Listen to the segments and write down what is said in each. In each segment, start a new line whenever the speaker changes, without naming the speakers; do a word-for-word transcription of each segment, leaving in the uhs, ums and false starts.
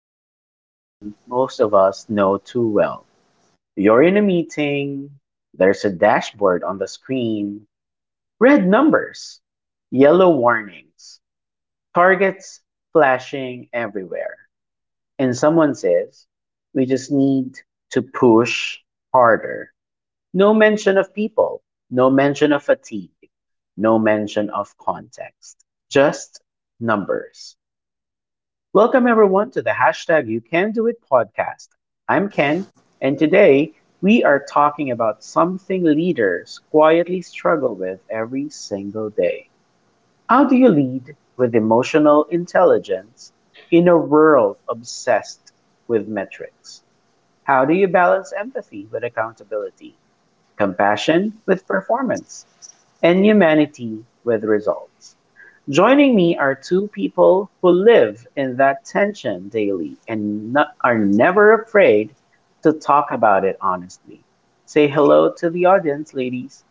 start with a scene most of us know too well. You're in a meeting, there's a dashboard on the screen, red numbers, yellow warnings, targets flashing everywhere. And someone says, "We just need to push harder." No mention of people, no mention of fatigue, no mention of context, just numbers. Welcome everyone to the hashtag You Can Do It podcast. I'm Ken, and today we are talking about something leaders quietly struggle with every single day. How do you lead with emotional intelligence in a world obsessed with metrics? How do you balance empathy with accountability, compassion with performance, and humanity with results? Joining me are two people who live in that tension daily and no- are never afraid to talk about it honestly. Say hello to the audience, ladies.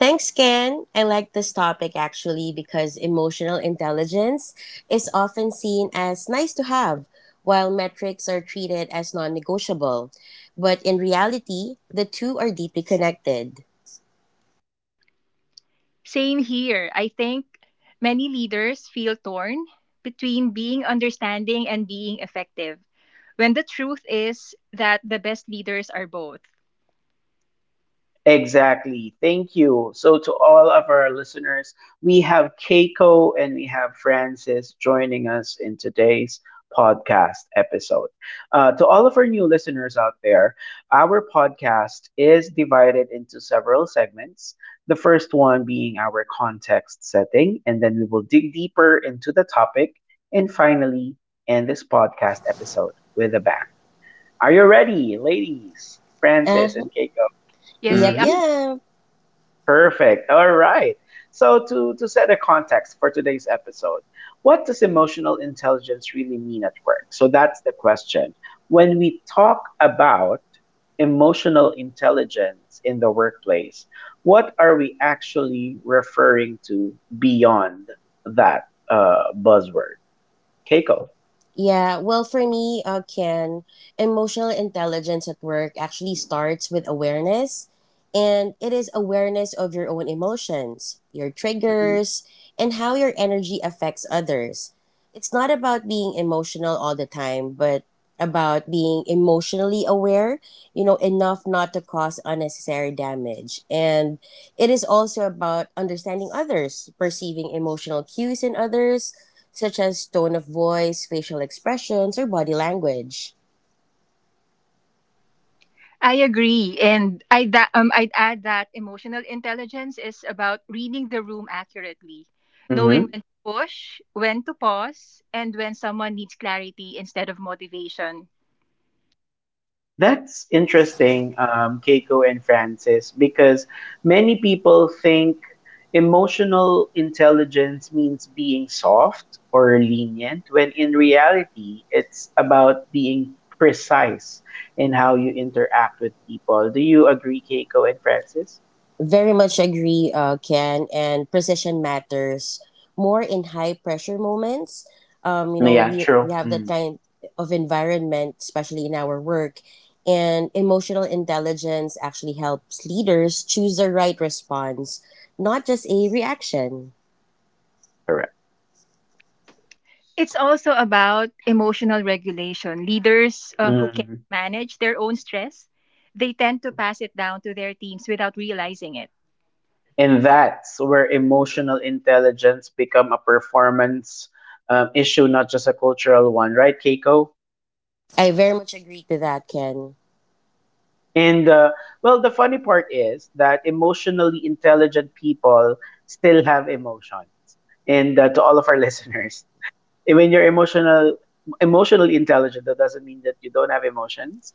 Thanks, Ken. I like this topic actually because emotional intelligence is often seen as nice to have, while metrics are treated as non negotiable. But in reality, the two are deeply connected.
Same here. I think many leaders feel torn between being understanding and being effective, when the truth is that the best leaders are both.
Exactly. Thank you. So, to all of our listeners, we have Keiko and we have Francis joining us in today's podcast episode. Uh, to all of our new listeners out there, our podcast is divided into several segments. The first one being our context setting, and then we will dig deeper into the topic and finally end this podcast episode with a bang. Are you ready, ladies?
Uh,
Francis and Keiko.
Yes, we
yep,
are.
Mhm.
yep.
Perfect. All right. So to to set a context for today's episode, what does emotional intelligence really mean at work? So that's the question. When we talk about emotional intelligence in the workplace, what are we actually referring to beyond that uh, buzzword? Keiko.
Yeah, well, for me, uh, Ken, emotional intelligence at work actually starts with awareness, and it is awareness of your own emotions, your triggers, and how your energy affects others. It's not about being emotional all the time, but about being emotionally aware, you know, enough not to cause unnecessary damage. And it is also about understanding others, perceiving emotional cues in others, such as tone of voice, facial expressions, or body language.
I agree, and I that um I'd add that emotional intelligence is about reading the room accurately, knowing
Mhm.
when to push, when to pause, and when someone needs clarity instead of motivation.
That's interesting, um, Keiko and Francis, because many people think emotional intelligence means being soft or lenient, when in reality, it's about being precise in how you interact with people. Do you agree, Keiko and Francis?
Very much agree, uh, Ken, and precision matters more in high pressure moments. Um, you know,
Yeah,
we, we
true.
have that
Mm.
kind of environment, especially in our work, and emotional intelligence actually helps leaders choose the right response, not just a reaction.
Correct.
It's also about emotional regulation. Leaders uh, who can
Mm.
manage their own stress, they tend to pass it down to their teams without realizing it.
And that's where emotional intelligence become a performance um, issue, not just a cultural one, right, Keiko?
I very much agree to that, Ken.
And uh, well, the funny part is that emotionally intelligent people still have emotions. And uh, to all of our listeners, and when you're emotional emotionally intelligent, that doesn't mean that you don't have emotions.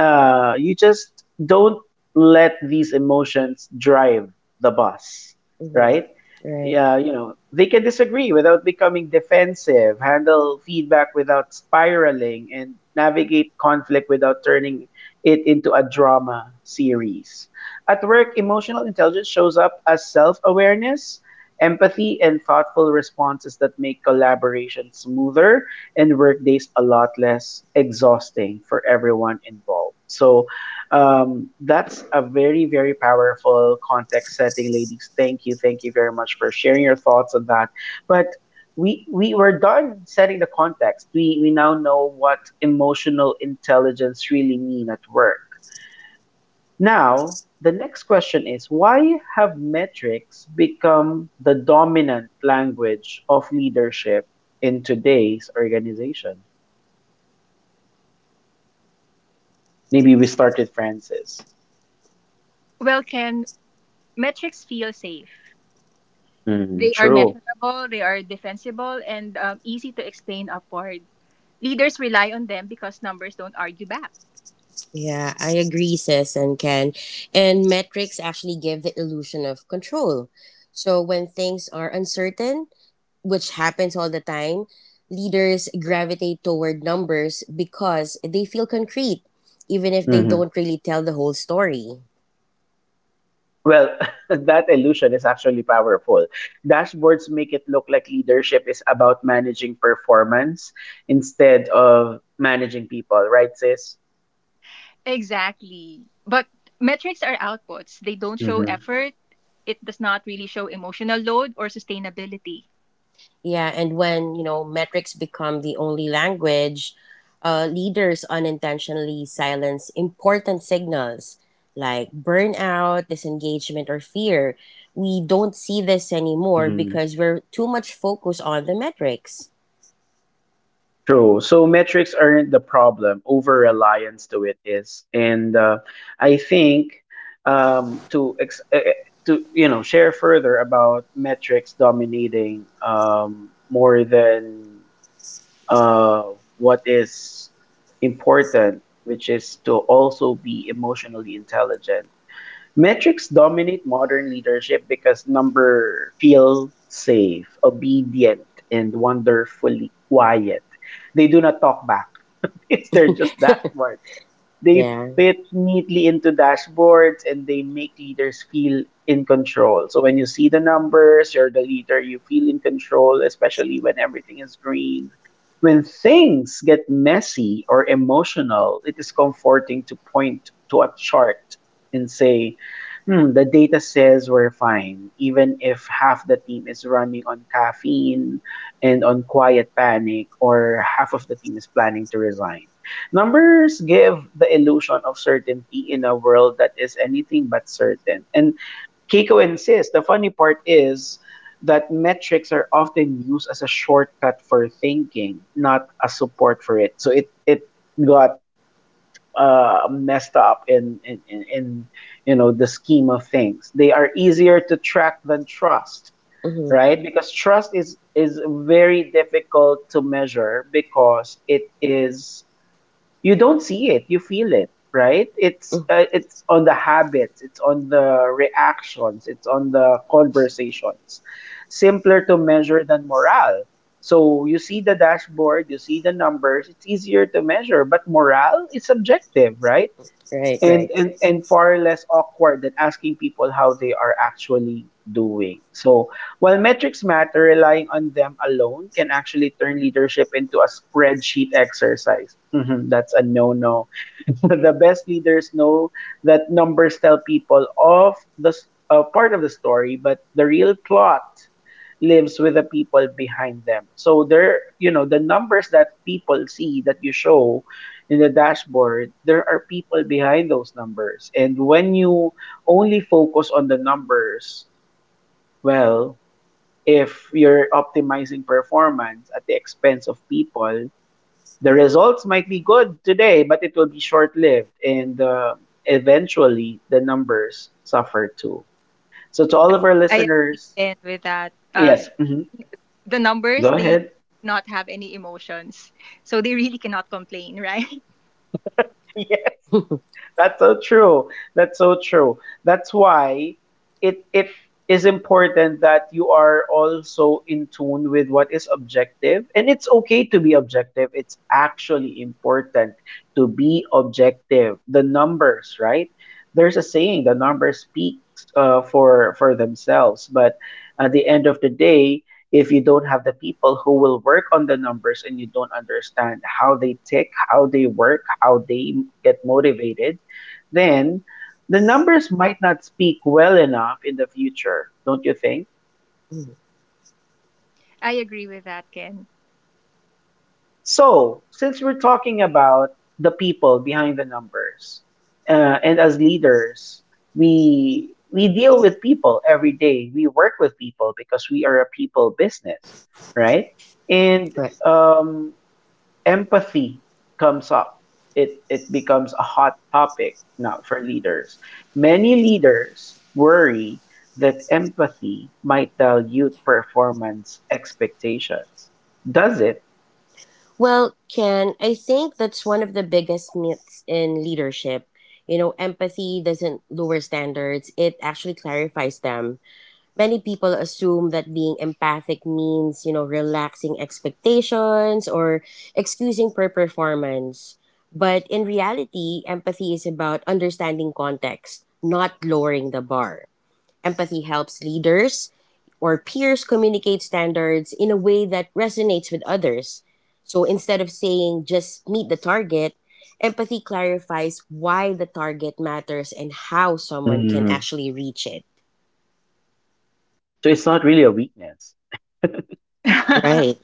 uh, You just don't let these emotions drive the bus,
Mm-hmm.
right?
Right.
Yeah, you know, they can disagree without becoming defensive, handle feedback without spiraling, and navigate conflict without turning it into a drama series. At work, emotional intelligence shows up as self-awareness, empathy, and thoughtful responses that make collaboration smoother and workdays a lot less exhausting for everyone involved. So um, that's a very, very powerful context setting, ladies. Thank you. Thank you very much for sharing your thoughts on that. But we we were done setting the context. We we now know what emotional intelligence really mean at work. Now, the next question is, why have metrics become the dominant language of leadership in today's organization? Maybe we started, Francis.
Well, can metrics feel safe?
Mhm,
They are
true.
measurable, they are defensible, and um, easy to explain upward. Leaders rely on them because numbers don't argue back.
Yeah, I agree, sis and Ken. And metrics actually give the illusion of control. So when things are uncertain, which happens all the time, leaders gravitate toward numbers because they feel concrete, even if they
Mhm.
don't really tell the whole story.
Well, that illusion is actually powerful. Dashboards make it look like leadership is about managing performance instead of managing people, right, sis?
Exactly. But metrics are outputs. They don't show
Mhm.
effort. It does not really show emotional load or sustainability.
Yeah, and when, you know, metrics become the only language, uh, leaders unintentionally silence important signals like burnout, disengagement, or fear. We don't see this anymore because we're too much focused on the metrics.
True. So metrics aren't the problem. Over reliance to it is, and uh, I think, um, to ex- eh, eh, to you know share further about metrics dominating, um, more than uh, what is important, which is to also be emotionally intelligent. Metrics dominate modern leadership because number feel safe, obedient, and wonderfully quiet. They do not talk back because they're just dashboards. They
Yeah.
fit neatly into dashboards and they make leaders feel in control. So when you see the numbers, you're the leader, you feel in control, especially when everything is green. When things get messy or emotional, it is comforting to point to a chart and say, hmm, the data says we're fine, even if half the team is running on caffeine and on quiet panic, or half of the team is planning to resign. Numbers give the illusion of certainty in a world that is anything but certain. And Keiko insists the funny part is that metrics are often used as a shortcut for thinking, not a support for it. So it it got uh, messed up in in, in in you know the scheme of things. They are easier to track than trust,
Mm-hmm.
right? Because trust is is very difficult to measure, because it is, you don't see it, you feel it, right? It's
Mm.
uh, it's on the habits, it's on the reactions, it's on the conversations. Simpler to measure than morale. So you see the dashboard, you see the numbers, it's easier to measure, but morale is subjective, right?
Right,
and
right.
and and far less awkward than asking people how they are actually doing. So, while metrics matter, relying on them alone can actually turn leadership into a spreadsheet exercise. Mhm, that's a no-no. The best leaders know that numbers tell people of the s- uh, part of the story, but the real plot lives with the people behind them. So there, you know, the numbers that people see that you show in the dashboard, there are people behind those numbers. And when you only focus on the numbers, well, if you're optimizing performance at the expense of people, the results might be good today, but it will be short lived. And uh, eventually, the numbers suffer too. So, to all of our
I agree
listeners,
again with that. Uh,
yes, mhm,
the numbers
go
they
ahead.
not have any emotions, so they really cannot complain, right?
That's so true. That's so true. That's why it it is important that you are also in tune with what is objective, and it's okay to be objective. It's actually important to be objective. The numbers, right? There's a saying, the numbers speaks uh, for for themselves, but at the end of the day, if you don't have the people who will work on the numbers and you don't understand how they tick, how they work, how they get motivated, then the numbers might not speak well enough in the future, don't you think?
I agree with that, Ken.
So, since we're talking about the people behind the numbers, uh, and as leaders, we we deal with people every day. We work with people because we are a people business, right? And
Right.
um, empathy comes up. It it becomes a hot topic now for leaders. Many leaders worry that empathy might dilute performance expectations. Does it?
Well, Ken, I think that's one of the biggest myths in leadership. You know, empathy doesn't lower standards, it actually clarifies them. Many people assume that being empathic means, you know, relaxing expectations or excusing poor performance. But in reality, empathy is about understanding context, not lowering the bar. Empathy helps leaders or peers communicate standards in a way that resonates with others. So instead of saying just meet the target, empathy clarifies why the target matters and how someone can
Mm.
actually reach it.
So it's not really a weakness,
Right.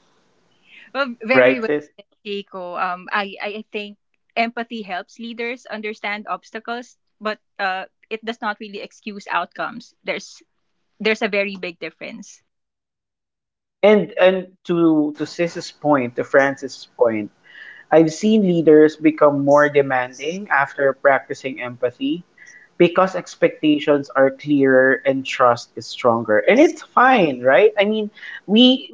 Well, very
right,
well,
sis?
Keiko. um i i I think empathy helps leaders understand obstacles, but uh it does not really excuse outcomes. There's there's a very big difference.
And and to to Sis's point, to Francis's point, I've seen leaders become more demanding after practicing empathy because expectations are clearer and trust is stronger. And it's fine, right? I mean, we,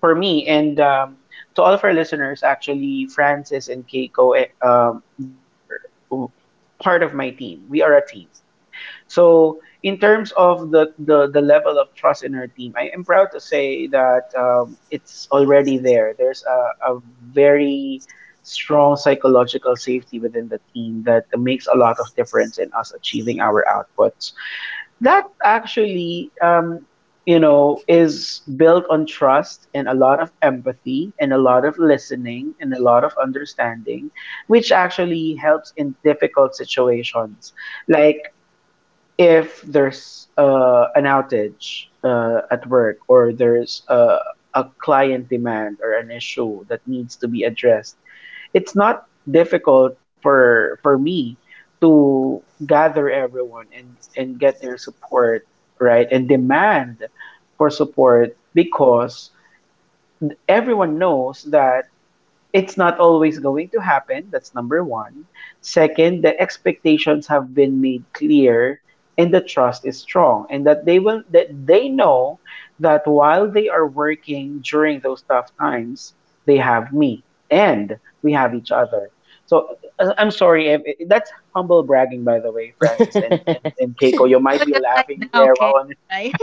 for me, and um, to all of our listeners, actually, Francis and Keiko, eh, um, they're part of my team. We are a team. So in terms of the, the the level of trust in our team, I am proud to say that um, it's already there. There's a, a very strong psychological safety within the team that makes a lot of difference in us achieving our outputs. That actually, um, you know, is built on trust and a lot of empathy and a lot of listening and a lot of understanding, which actually helps in difficult situations like, if there's uh, an outage uh, at work, or there's uh, a client demand or an issue that needs to be addressed, it's not difficult for for me to gather everyone and and get their support, right, and demand for support, because everyone knows that it's not always going to happen. That's number one. Second, the expectations have been made clear, and the trust is strong, and that they will that they know that while they are working during those tough times, they have me and we have each other. So uh, I'm sorry if that's humble bragging, by the way, Francis and, and, and Keiko. You might
But
be
just like
laughing
now,
there,
Ken,
while
right?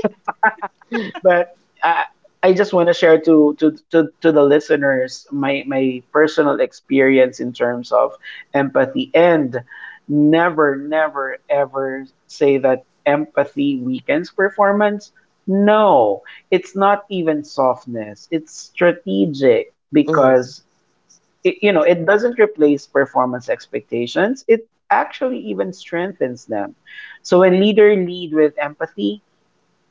but I I just want to share to, to to to the listeners my my personal experience in terms of empathy, and never never ever say that empathy weakens performance. No, it's not even softness. It's strategic
Hmm.
because it, you know, it doesn't replace performance expectations. It actually even strengthens them. So when leader lead with empathy,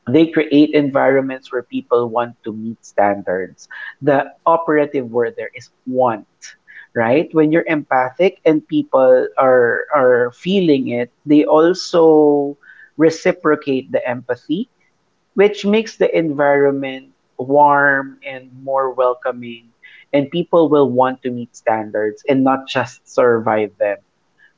they create environments where people want to meet standards. The operative word there is want, right? When you're empathic and people are are feeling it, they also reciprocate the empathy, which makes the environment warm and more welcoming, and people will want to meet standards and not just survive them.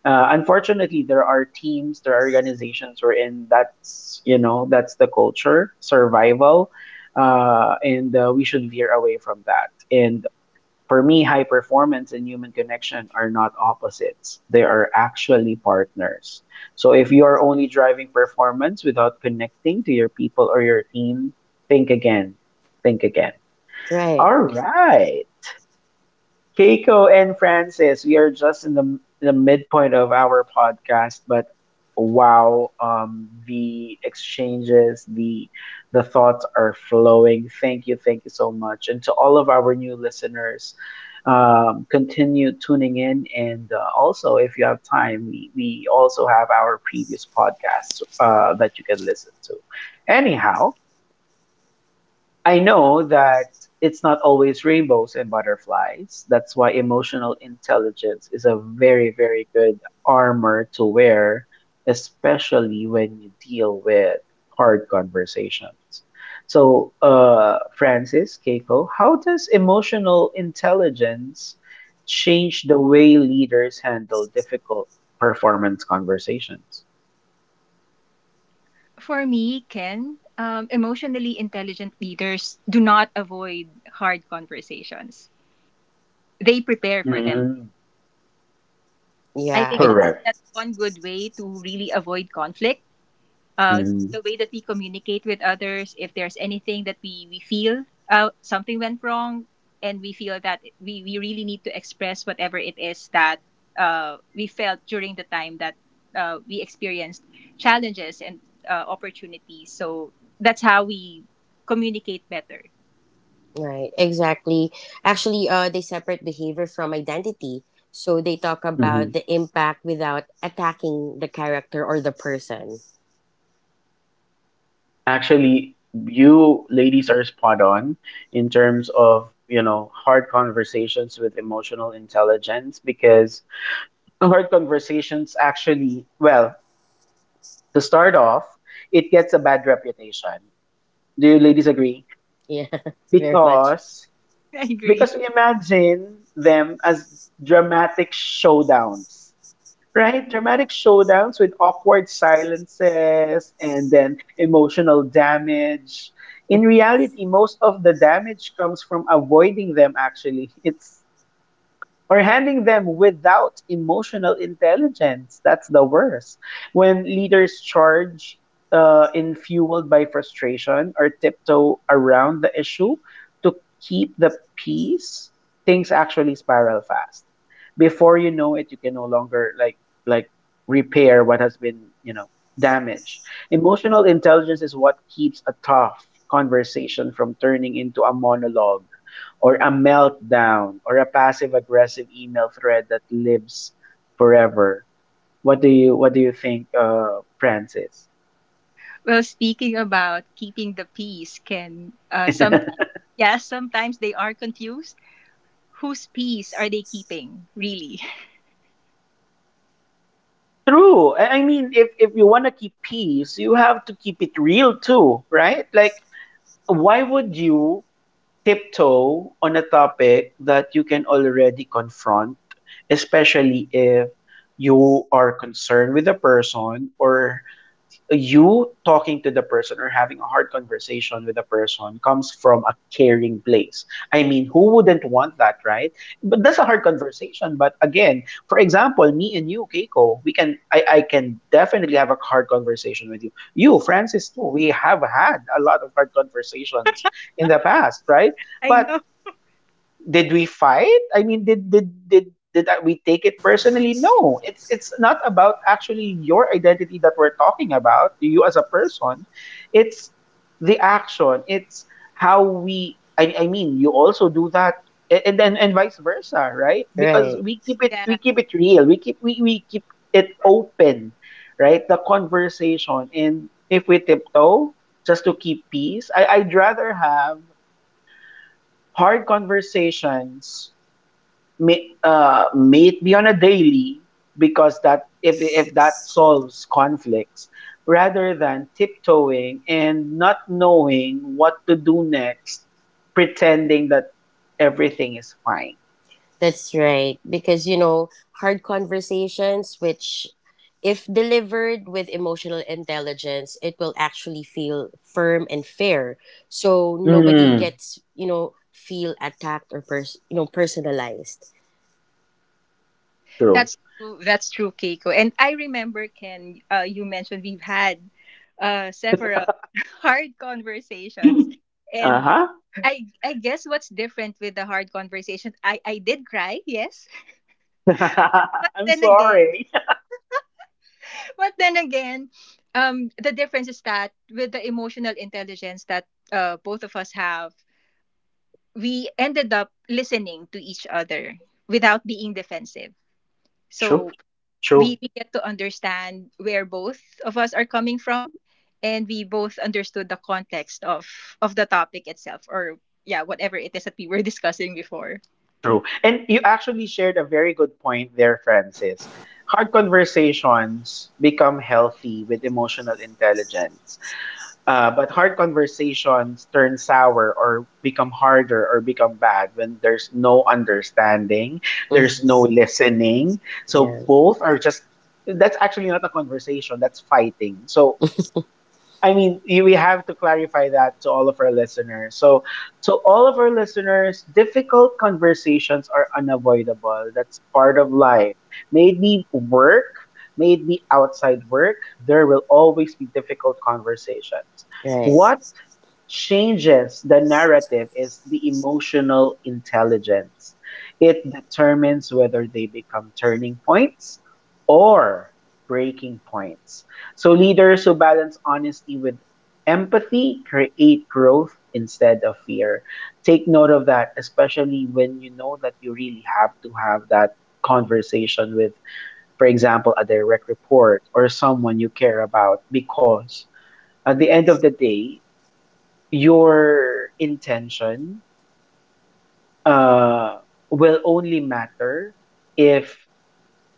Uh, unfortunately, there are teams, there are organizations wherein that's you know that's the culture, survival, uh, and uh, we should veer away from that. And for me, high performance and human connection are not opposites; they are actually partners. So if you are only driving performance without connecting to your people or your team, think again, think again.
Right.
All right. Keiko and Francis, we are just in the the midpoint of our podcast, but wow, um, the exchanges, the the thoughts are flowing. Thank you, thank you so much, and to all of our new listeners, um, continue tuning in, and uh, also if you have time, we we also have our previous podcasts uh, that you can listen to. Anyhow. I know that it's not always rainbows and butterflies. That's why emotional intelligence is a very, very good armor to wear, especially when you deal with hard conversations. So, uh, Francis, Keiko, how does emotional intelligence change the way leaders handle difficult performance conversations?
For me, Ken, um, emotionally intelligent leaders do not avoid hard conversations, they prepare for them.
Mm,
I
Yeah,
think
I,
that's
correct.
that's one good way to really avoid conflict. Uh,
Mhm,
the way that we communicate with others, if there's anything that we we feel uh, something went wrong, and we feel that we we really need to express whatever it is that uh, we felt during the time that uh, we experienced challenges and uh, opportunities. So that's how we communicate better.
right, exactly. Actually, uh, they separate behavior from identity. So they talk about
mhm.
the impact without attacking the character or the person.
Actually, you ladies are spot on in terms of, you know, hard conversations with emotional intelligence because hard conversations actually, well, to start off, it gets a bad reputation. Do you
Mm.
ladies agree?
Yeah. Very much.
Because
I agree.
because we imagine them as dramatic showdowns, right? Dramatic showdowns with awkward silences and then emotional damage. In reality, most of the damage comes from avoiding them, actually. It's or handling them without emotional intelligence. That's the worst. When leaders charge uh, in fueled by frustration or tiptoe around the issue to keep the peace, things actually spiral fast. Before you know it, you can no longer like like repair what has been you know damaged. Emotional intelligence is what keeps a tough conversation from turning into a monologue or a meltdown or a passive aggressive email thread that lives forever. What do you what do you think, uh, Francis?
Well, speaking about keeping the peace, can uh, sometimes,
True.
yeah, sometimes they are confused. Whose peace are they keeping, really?
I I mean, if if you want to keep peace, you have to keep it real too, right? Like, why would you tiptoe on a topic that you can already confront, especially if you are concerned with a person or you talking to the person or having a hard conversation with a person comes from a caring place. I mean, who wouldn't want that, right? But that's a hard conversation. But again, for example, me and you, Keiko, we can I, I can definitely have a hard conversation with you. You, Francis, too, we have had a lot of hard conversations in the past, right?
I
But
know.
did we fight? I mean, did did did did we take it personally? No, it's it's not about actually your identity that we're talking about, you as a person. It's the action. It's how we. I, I mean, you also do that, a- and then and vice versa, right? Because
Right.
we keep it we
Yeah,
keep it real. We keep we we keep it open, right? The conversation, and if we tiptoe just to keep peace, I I'd rather have hard conversations may, uh, may it be on a daily because that if if that solves conflicts rather than tiptoeing and not knowing what to do next pretending that everything is fine.
That's right. Because, you know, hard conversations, which if delivered with emotional intelligence, it will actually feel firm and fair. So nobody
Mm,
gets, you know, feel attacked or pers- you know, personalized.
true.
that's true. That's true, Keiko. And I remember, Ken, uh, you mentioned we've had uh, several hard conversations, and
Uh-huh.
I I guess what's different with the hard conversation, I I did cry, yes, but
I'm
then again.
sorry.
But then again, um, the difference is that with the emotional intelligence that uh, both of us have, we ended up listening to each other without being defensive.
True.
So
True.
we, we get to understand where both of us are coming from, and we both understood the context of of the topic itself, or yeah, whatever it is that we were discussing before.
True. And you actually shared a very good point there, Francis. Hard conversations become healthy with emotional intelligence. Uh, but hard conversations turn sour or become harder or become bad when there's no understanding, there's no
Hmm.
listening. So
Yeah.
both are just, that's actually not a conversation, that's fighting. So I mean, y- we have to clarify that to all of our listeners. So, to all of our listeners, difficult conversations are unavoidable. That's part of life. May it be work, may it be outside work, there will always be difficult conversations.
Right.
What changes the narrative is the emotional intelligence. It determines whether they become turning points or breaking points. So leaders who balance honesty with empathy create growth instead of fear. Take note of that, especially when you know that you really have to have that conversation with, for example, a direct report or someone you care about, because at the end of the day, your intention uh, will only matter if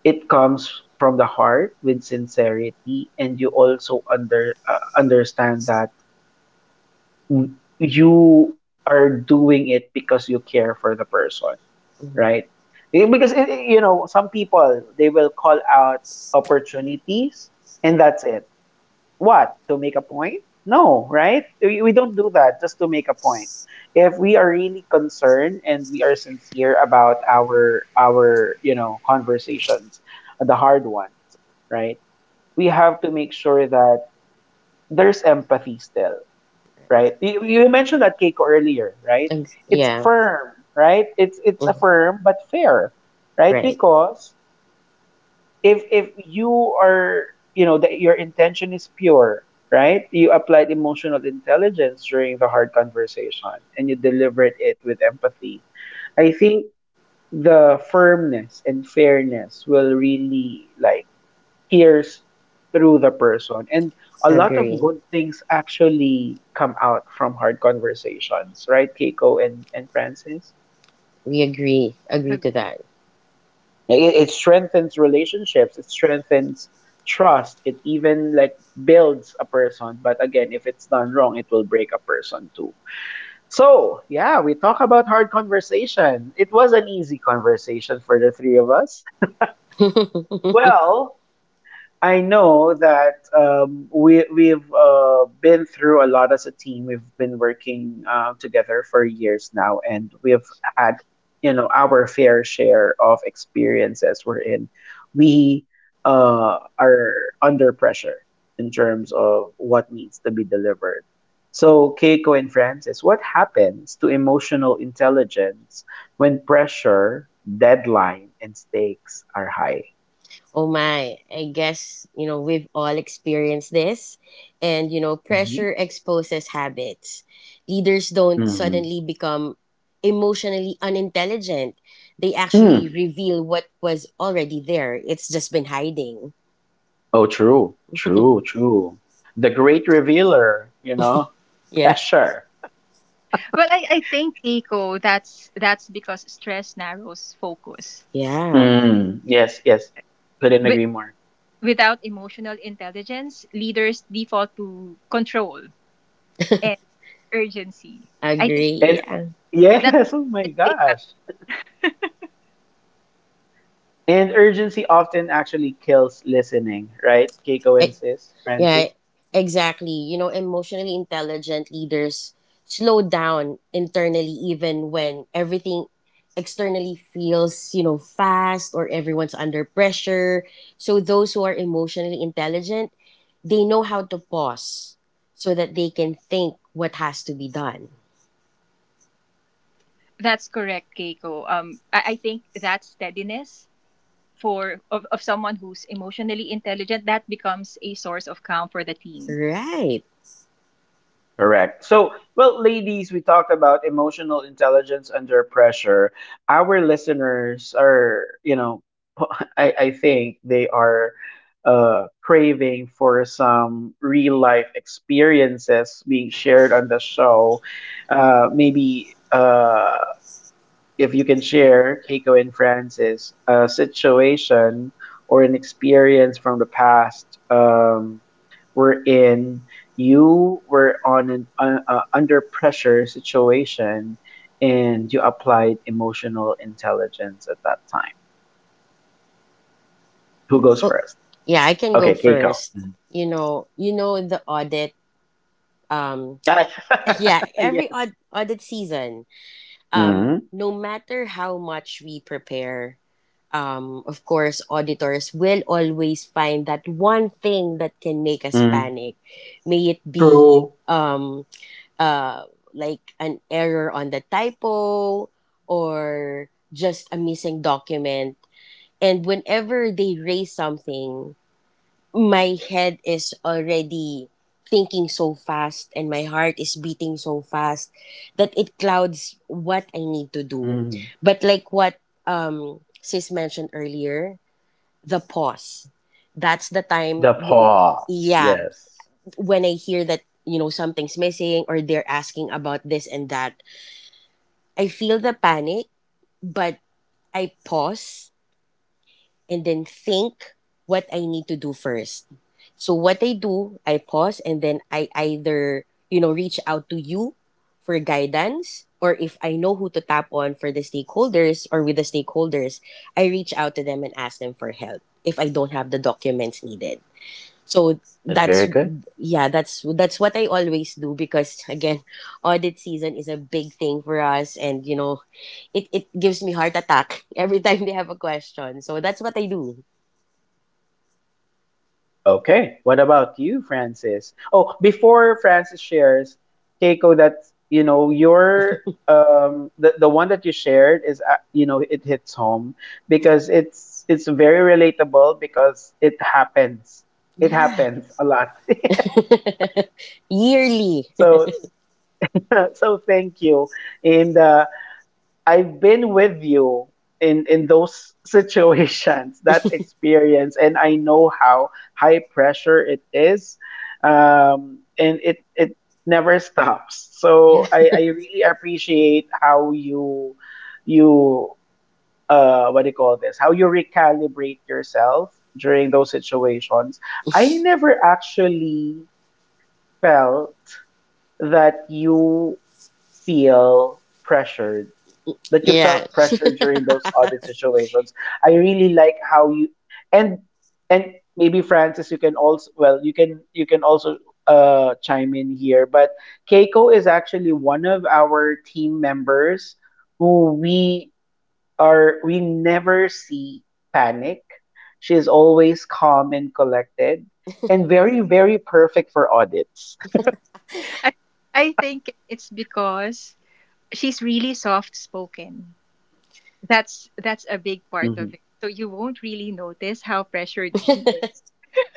it comes from the heart with sincerity and you also under uh, understand that w- you are doing it because you care for the person,
Mhm.
right? Eh, Because eh, eh, you know some people they will call out opportunities and that's it. What to make a point? No, right? We, we don't do that just to make a point. If we are really concerned and we are sincere about our our you know conversations, the hard ones, right? We have to make sure that there's empathy still, right? You, you mentioned that cake earlier, right?
Ex-
It's
Yeah.
firm, right? It's it's a
Mhm.
firm but fair, right?
Right.
Because if if you are you know that your intention is pure, right? You applied emotional intelligence during the hard conversation and you delivered it with empathy. I think the firmness and fairness will really like hears through the person. And a lot of
Agree.
good things actually come out from hard conversations, right, Keiko and, and Francis?
We agree. Agree
Ag-
to that.
It, it strengthens relationships, it strengthens trust, it even like builds a person. But again, if it's done wrong, it will break a person too. So, yeah, we talk about hard conversation. It was an easy conversation for the three of us.
oh
Well, I know that um, we we've uh, been through a lot as a team. We've been working uh, together for years now, and we've had you know our fair share of experiences. We're in. We uh, are under pressure in terms of what needs to be delivered. So, Keiko and Francis, what happens to emotional intelligence when pressure, deadline, and stakes are high?
my, I guess, you know, we've all experienced this. And, you know,
Mhm.
pressure exposes habits. Leaders don't
Mm-hmm.
suddenly become emotionally unintelligent. They actually reveal what was already there. It's just been hiding.
Oh, true, true, true. The great revealer, you know,
Yeah.
pressure.
Well, I, I think Keiko, that's that's because stress narrows focus.
Yeah.
Mm, yes, yes. Couldn't agree more.
Without emotional intelligence, leaders default to control and urgency. I think
Agree.
And
Yeah.
that's
yes, oh
the
my
easiest way out.
gosh. And urgency often actually kills listening, right? Keiko and sis,
Yeah,
Francis?
exactly. You know, emotionally intelligent leaders slow down internally even when everything externally feels, you know, fast or everyone's under pressure. So those who are emotionally intelligent, they know how to pause so that they can think what has to be done.
That's correct, Keiko. Um, I, I think that steadiness for of, of someone who's emotionally intelligent, that becomes a source of calm for the team.
Right.
Correct. So, well, ladies, we talked about emotional intelligence under pressure. Our listeners are, you know, I, I think they are uh, craving for some real life experiences being shared on the show. Uh, maybe uh, if you can share, Keiko and Francis, a situation or an experience from the past, um, wherein you were on an uh, uh, under pressure situation and you applied emotional intelligence at that time. Who goes
Well,
first?
yeah, I can
Okay,
go
Keiko.
first.
Mhm.
You know, you know the audit um
Got it.
yeah, every
Yes.
aud- audit season, um,
Hmm.
no matter how much we prepare, um, of course, auditors will always find that one thing that can make us panic. May it be
True.
um, uh, like an error on the typo or just a missing document. And whenever they raise something, my head is already thinking so fast and my heart is beating so fast that it clouds what I need to do.
Mhm.
But like what um sis mentioned earlier, the pause. That's the time
The
w-
pause.
yeah,
Yes.
when I hear that you know something's missing or they're asking about this and that, I feel the panic, but I pause and then think what I need to do first. So what I do, I pause and then I either, you know, reach out to you for guidance or if I know who to tap on for the stakeholders or with the stakeholders, I reach out to them and ask them for help if I don't have the documents needed. So
That's
that's
very good.
yeah, that's that's what I always do because again, audit season is a big thing for us and you know, it, it gives me heart attack every time they have a question. So that's what I do.
Okay. What about you, Francis? Oh, before Francis shares, Keiko, that you know your um the, the one that you shared is uh, you know it hits home because it's it's very relatable because it happens it
Yeah.
happens a lot.
Yearly.
So so thank you and uh, I've been with you in in those situations, that experience, and I know how high pressure it is, um, and it it never stops.
Yeah.
So I I really appreciate how you you uh what do you call this? How you recalibrate yourself during those situations. I never actually felt that you feel pressured that you
Yeah.
felt pressure during those audit situations. I really like how you and and maybe Francis, you can also, well, you can you can also uh chime in here. But Keiko is actually one of our team members who we are we never see panic. She is always calm and collected and very, very perfect for audits.
I, I think it's because she's really soft spoken. That's that's a big part of it. So you won't really notice how pressured she is.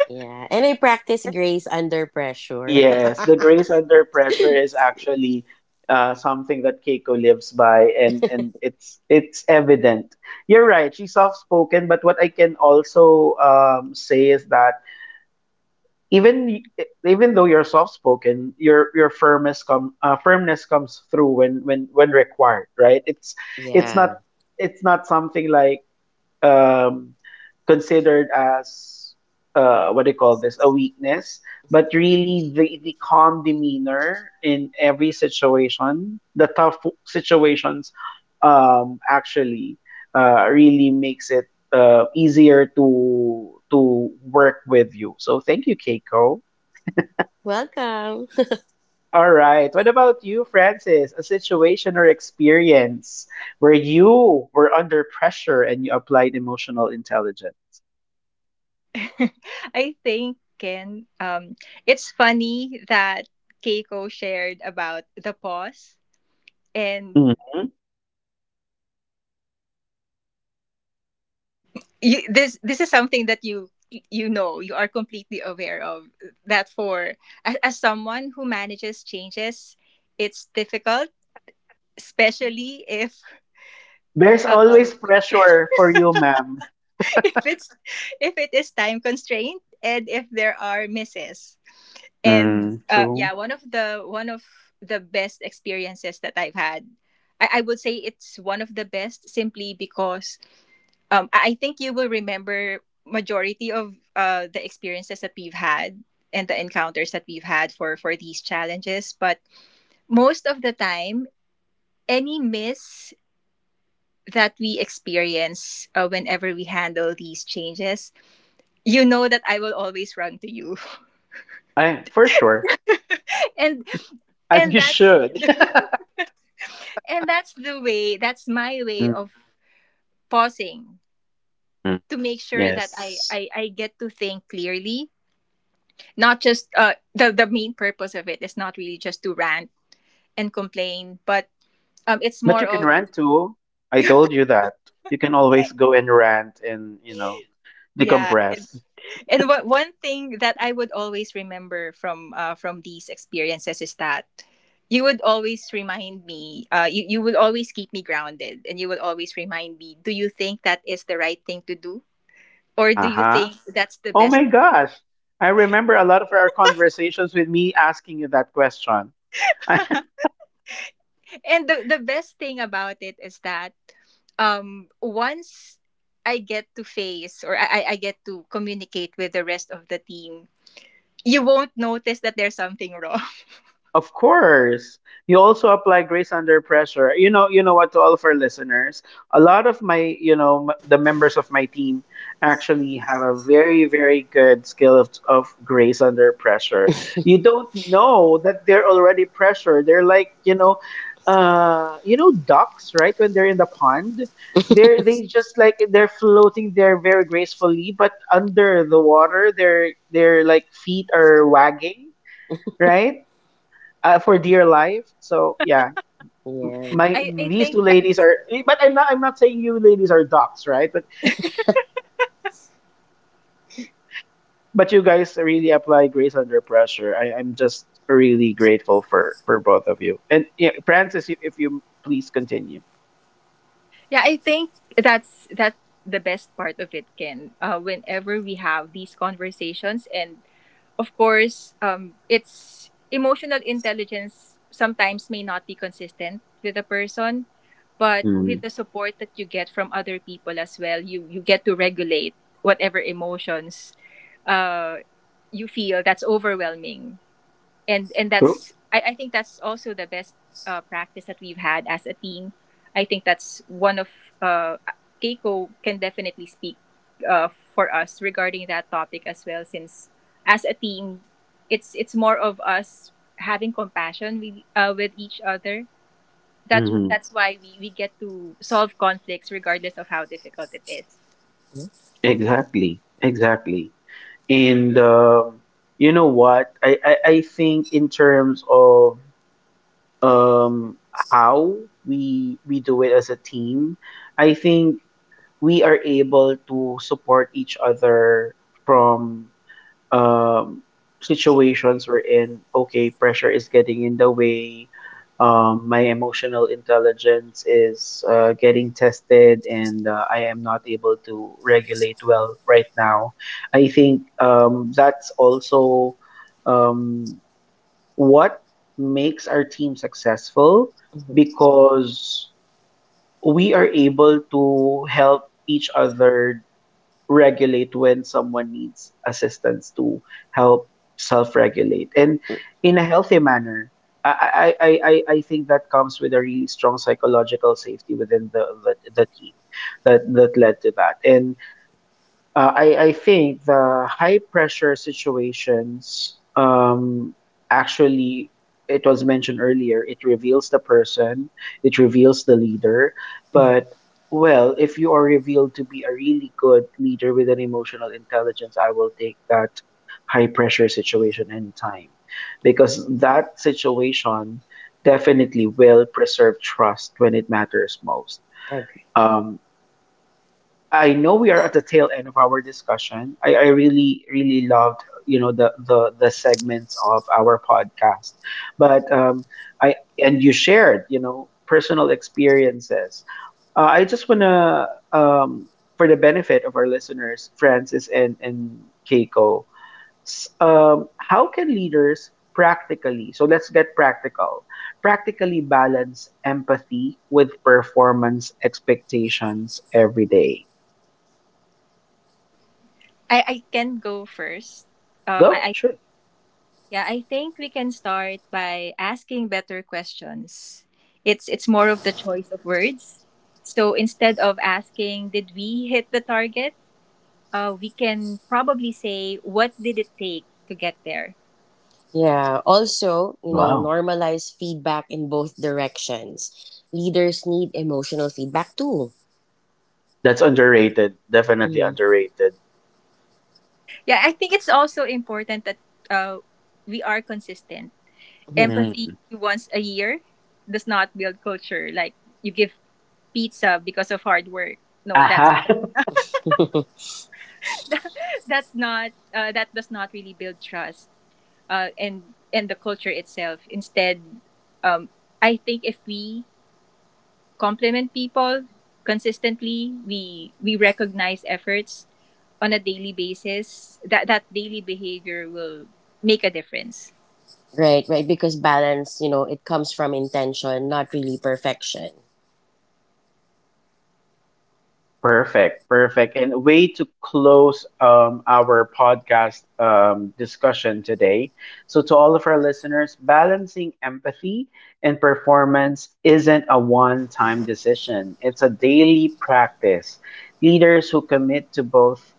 Yeah. And I practice grace under pressure.
Yes, the grace under pressure is actually uh, something that Keiko lives by, and and it's it's evident. You're right. She's soft spoken, but what I can also, um, say is that even y- even though you're soft spoken, your your firmness come uh, firmness comes through when when when required. Right? It's it's
Yeah.
not it's not something like, um, considered as, uh, what do you call this, a weakness, but really, the, the calm demeanor in every situation, the tough situations, um, actually, uh, really makes it uh, easier to to work with you. So thank you, Keiko.
Welcome.
All right. What about you, Francis? A situation or experience where you were under pressure and you applied emotional intelligence?
I think, Ken, um, it's funny that Keiko shared about the pause and
You, this this is something that you you know you are completely aware of, that for as, as someone who manages changes, it's difficult, especially if
There's
um,
always pressure for you, ma'am.
if it's if it is time constrained and if there are misses. and
Mm,
uh,
true.
yeah one of the one of the best experiences that I've had, I, I would say it's one of the best simply because um, I I think you will remember majority of uh, the experiences that we've had and the encounters that we've had for for these challenges. But most of the time, any miss that we experience uh, whenever we handle these changes, you know that I will always run to you.
I, for sure.
and
And
and
you
that's
should.
and that's the way. That's my way of pausing
Mm,
to make sure that I
yes.
I, I get to think clearly. Not just uh, the the main purpose of it is not really just to rant and complain, but um, it's
But
more
you can
of,
rant too. I told you that. You can always go and rant and, you know,
yeah. And,
decompress.
and what one thing that I would always remember from uh, from these experiences is that you would always remind me. Uh, you you would always keep me grounded, and you would always remind me. Do you think that is the right thing to do, or do
Uh
you
huh.
think that's the
Oh
best?
my gosh. I remember a lot of our conversations with me asking you that question.
And the the best thing about it is that, um once I get to face or I I I get to communicate with the rest of the team, you won't notice that there's something wrong.
Of course. You also apply grace under pressure. You know, you know what, to all of our listeners. A lot of my, you know, m- the members of my team actually have a very, very good skill of, of grace under pressure. You don't know that they're already pressured. They're like, you know, uh, you know, ducks, right? When they're in the pond, they're they just like they're floating there very gracefully, but under the water, their their like feet are wagging, right? uh, for dear life. So yeah, m-
Yeah.
my
I I
these
think
two
that,
ladies are. eh, But I'm not. I'm not saying you ladies are docs, right? But but you guys really apply grace under pressure. I, I'm just really grateful for for both of you. And yeah, Francis, if if you please continue.
yeah, I think that's that's the best part of it, Ken. Uh, whenever we have these conversations and of course, um, it's emotional intelligence sometimes may not be consistent with a person, but with
Mm.
the support that you get from other people as well, you you get to regulate whatever emotions uh, you feel that's overwhelming. And and
So,
that's, I, I think that's also the best uh, practice that we've had as a team. I think that's one of, uh, Keiko can definitely speak uh, for us regarding that topic as well. Since as a team, it's it's more of us having compassion with uh, with each other. That
mhm.
that's why we, we get to solve conflicts regardless of how difficult it is.
Mhm.
Exactly, exactly. And um, you know what? I, I I think in terms of um how we we do it as a team, I think we are able to support each other from, um, situations we're in. Okay, pressure is getting in the way. Um, my emotional intelligence is uh, getting tested, and uh, I am not able to regulate well right now. I think, um, that's also, um, what makes our team successful because we are able to help each other regulate when someone needs assistance to help self-regulate and in a healthy manner. I, I, I, I I think that comes with a really strong psychological safety within the, the, the team that, that led to that. And uh, I, I think the high pressure situations, um, actually, it was mentioned earlier, it reveals the person, it reveals the leader.
Mhm.
But, well, if you are revealed to be a really good leader with an emotional intelligence, I will take that high pressure situation anytime because that situation definitely will preserve trust when it matters most.
Okay.
Um, I know we are at the tail end of our discussion. I, I really, really loved, you know, the the the segments of our podcast. But, um, I and you shared, you know, personal experiences. Uh, I just wanna, um, for the benefit of our listeners, Francis and and Keiko, s- um, how can leaders practically? So let's get practical. Practically balance empathy with performance expectations every day.
I, I can go first. Um, I,
Go,
I
sure.
yeah, I think we can start by asking better questions. It's it's more of the choice of words. So instead of asking did we hit the target, uh, we can probably say what did it take to get there.
Yeah. Also, you know,
Wow.
normalize feedback in both directions. Leaders need emotional feedback too.
That's underrated. Definitely
Mhm.
underrated.
Yeah, I think it's also important that uh, we are consistent.
Mhm.
Empathy
Mm.
once a year does not build culture, like you give pizza because of hard work. No, that's
Aha.
that's not uh, that does not really build trust uh, and and the culture itself. Instead, um, I think if we compliment people consistently, we we recognize efforts on a daily basis. That that daily behavior will make a difference.
Right, right. Because balance, you know, it comes from intention, not really perfection.
Perfect. Perfect. And way to close, um, our podcast, um, discussion today. So, to all of our listeners, balancing empathy and performance isn't a one time decision, it's a daily practice. Leaders who commit to both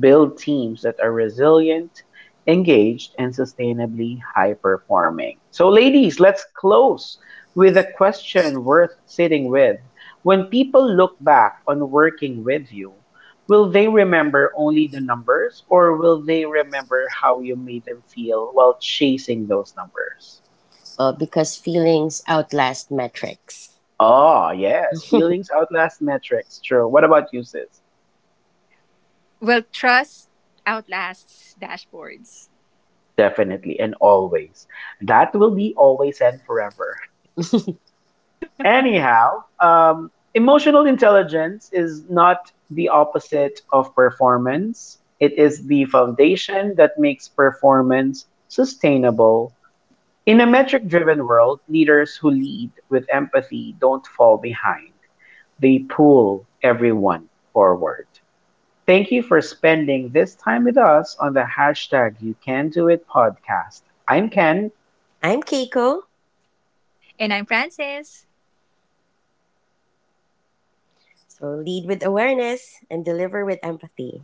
build teams that are resilient, engaged, and sustainably high performing. So, ladies, let's close with a question worth sitting with. When people look back on working with you, will they remember only the numbers or will they remember how you made them feel while chasing those numbers?
Uh, because feelings outlast metrics.
Oh, yes, feelings outlast metrics. True. What about you, sis?
Well, trust outlasts dashboards.
Definitely and always. That will be always and forever. Anyhow, um, emotional intelligence is not the opposite of performance. It is the foundation that makes performance sustainable. In a metric driven world, leaders who lead with empathy don't fall behind, they pull everyone forward. Thank you for spending this time with us on the hashtag You Can Do It podcast. I'm Ken.
I'm Keiko.
And I'm Frances.
So lead with awareness and deliver with empathy.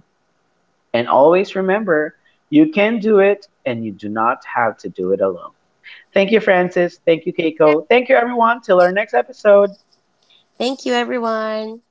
And always remember, you can do it and you do not have to do it alone. Thank you, Francis. Thank you, Keiko. Thank you, everyone. Till our next episode.
Thank you, everyone.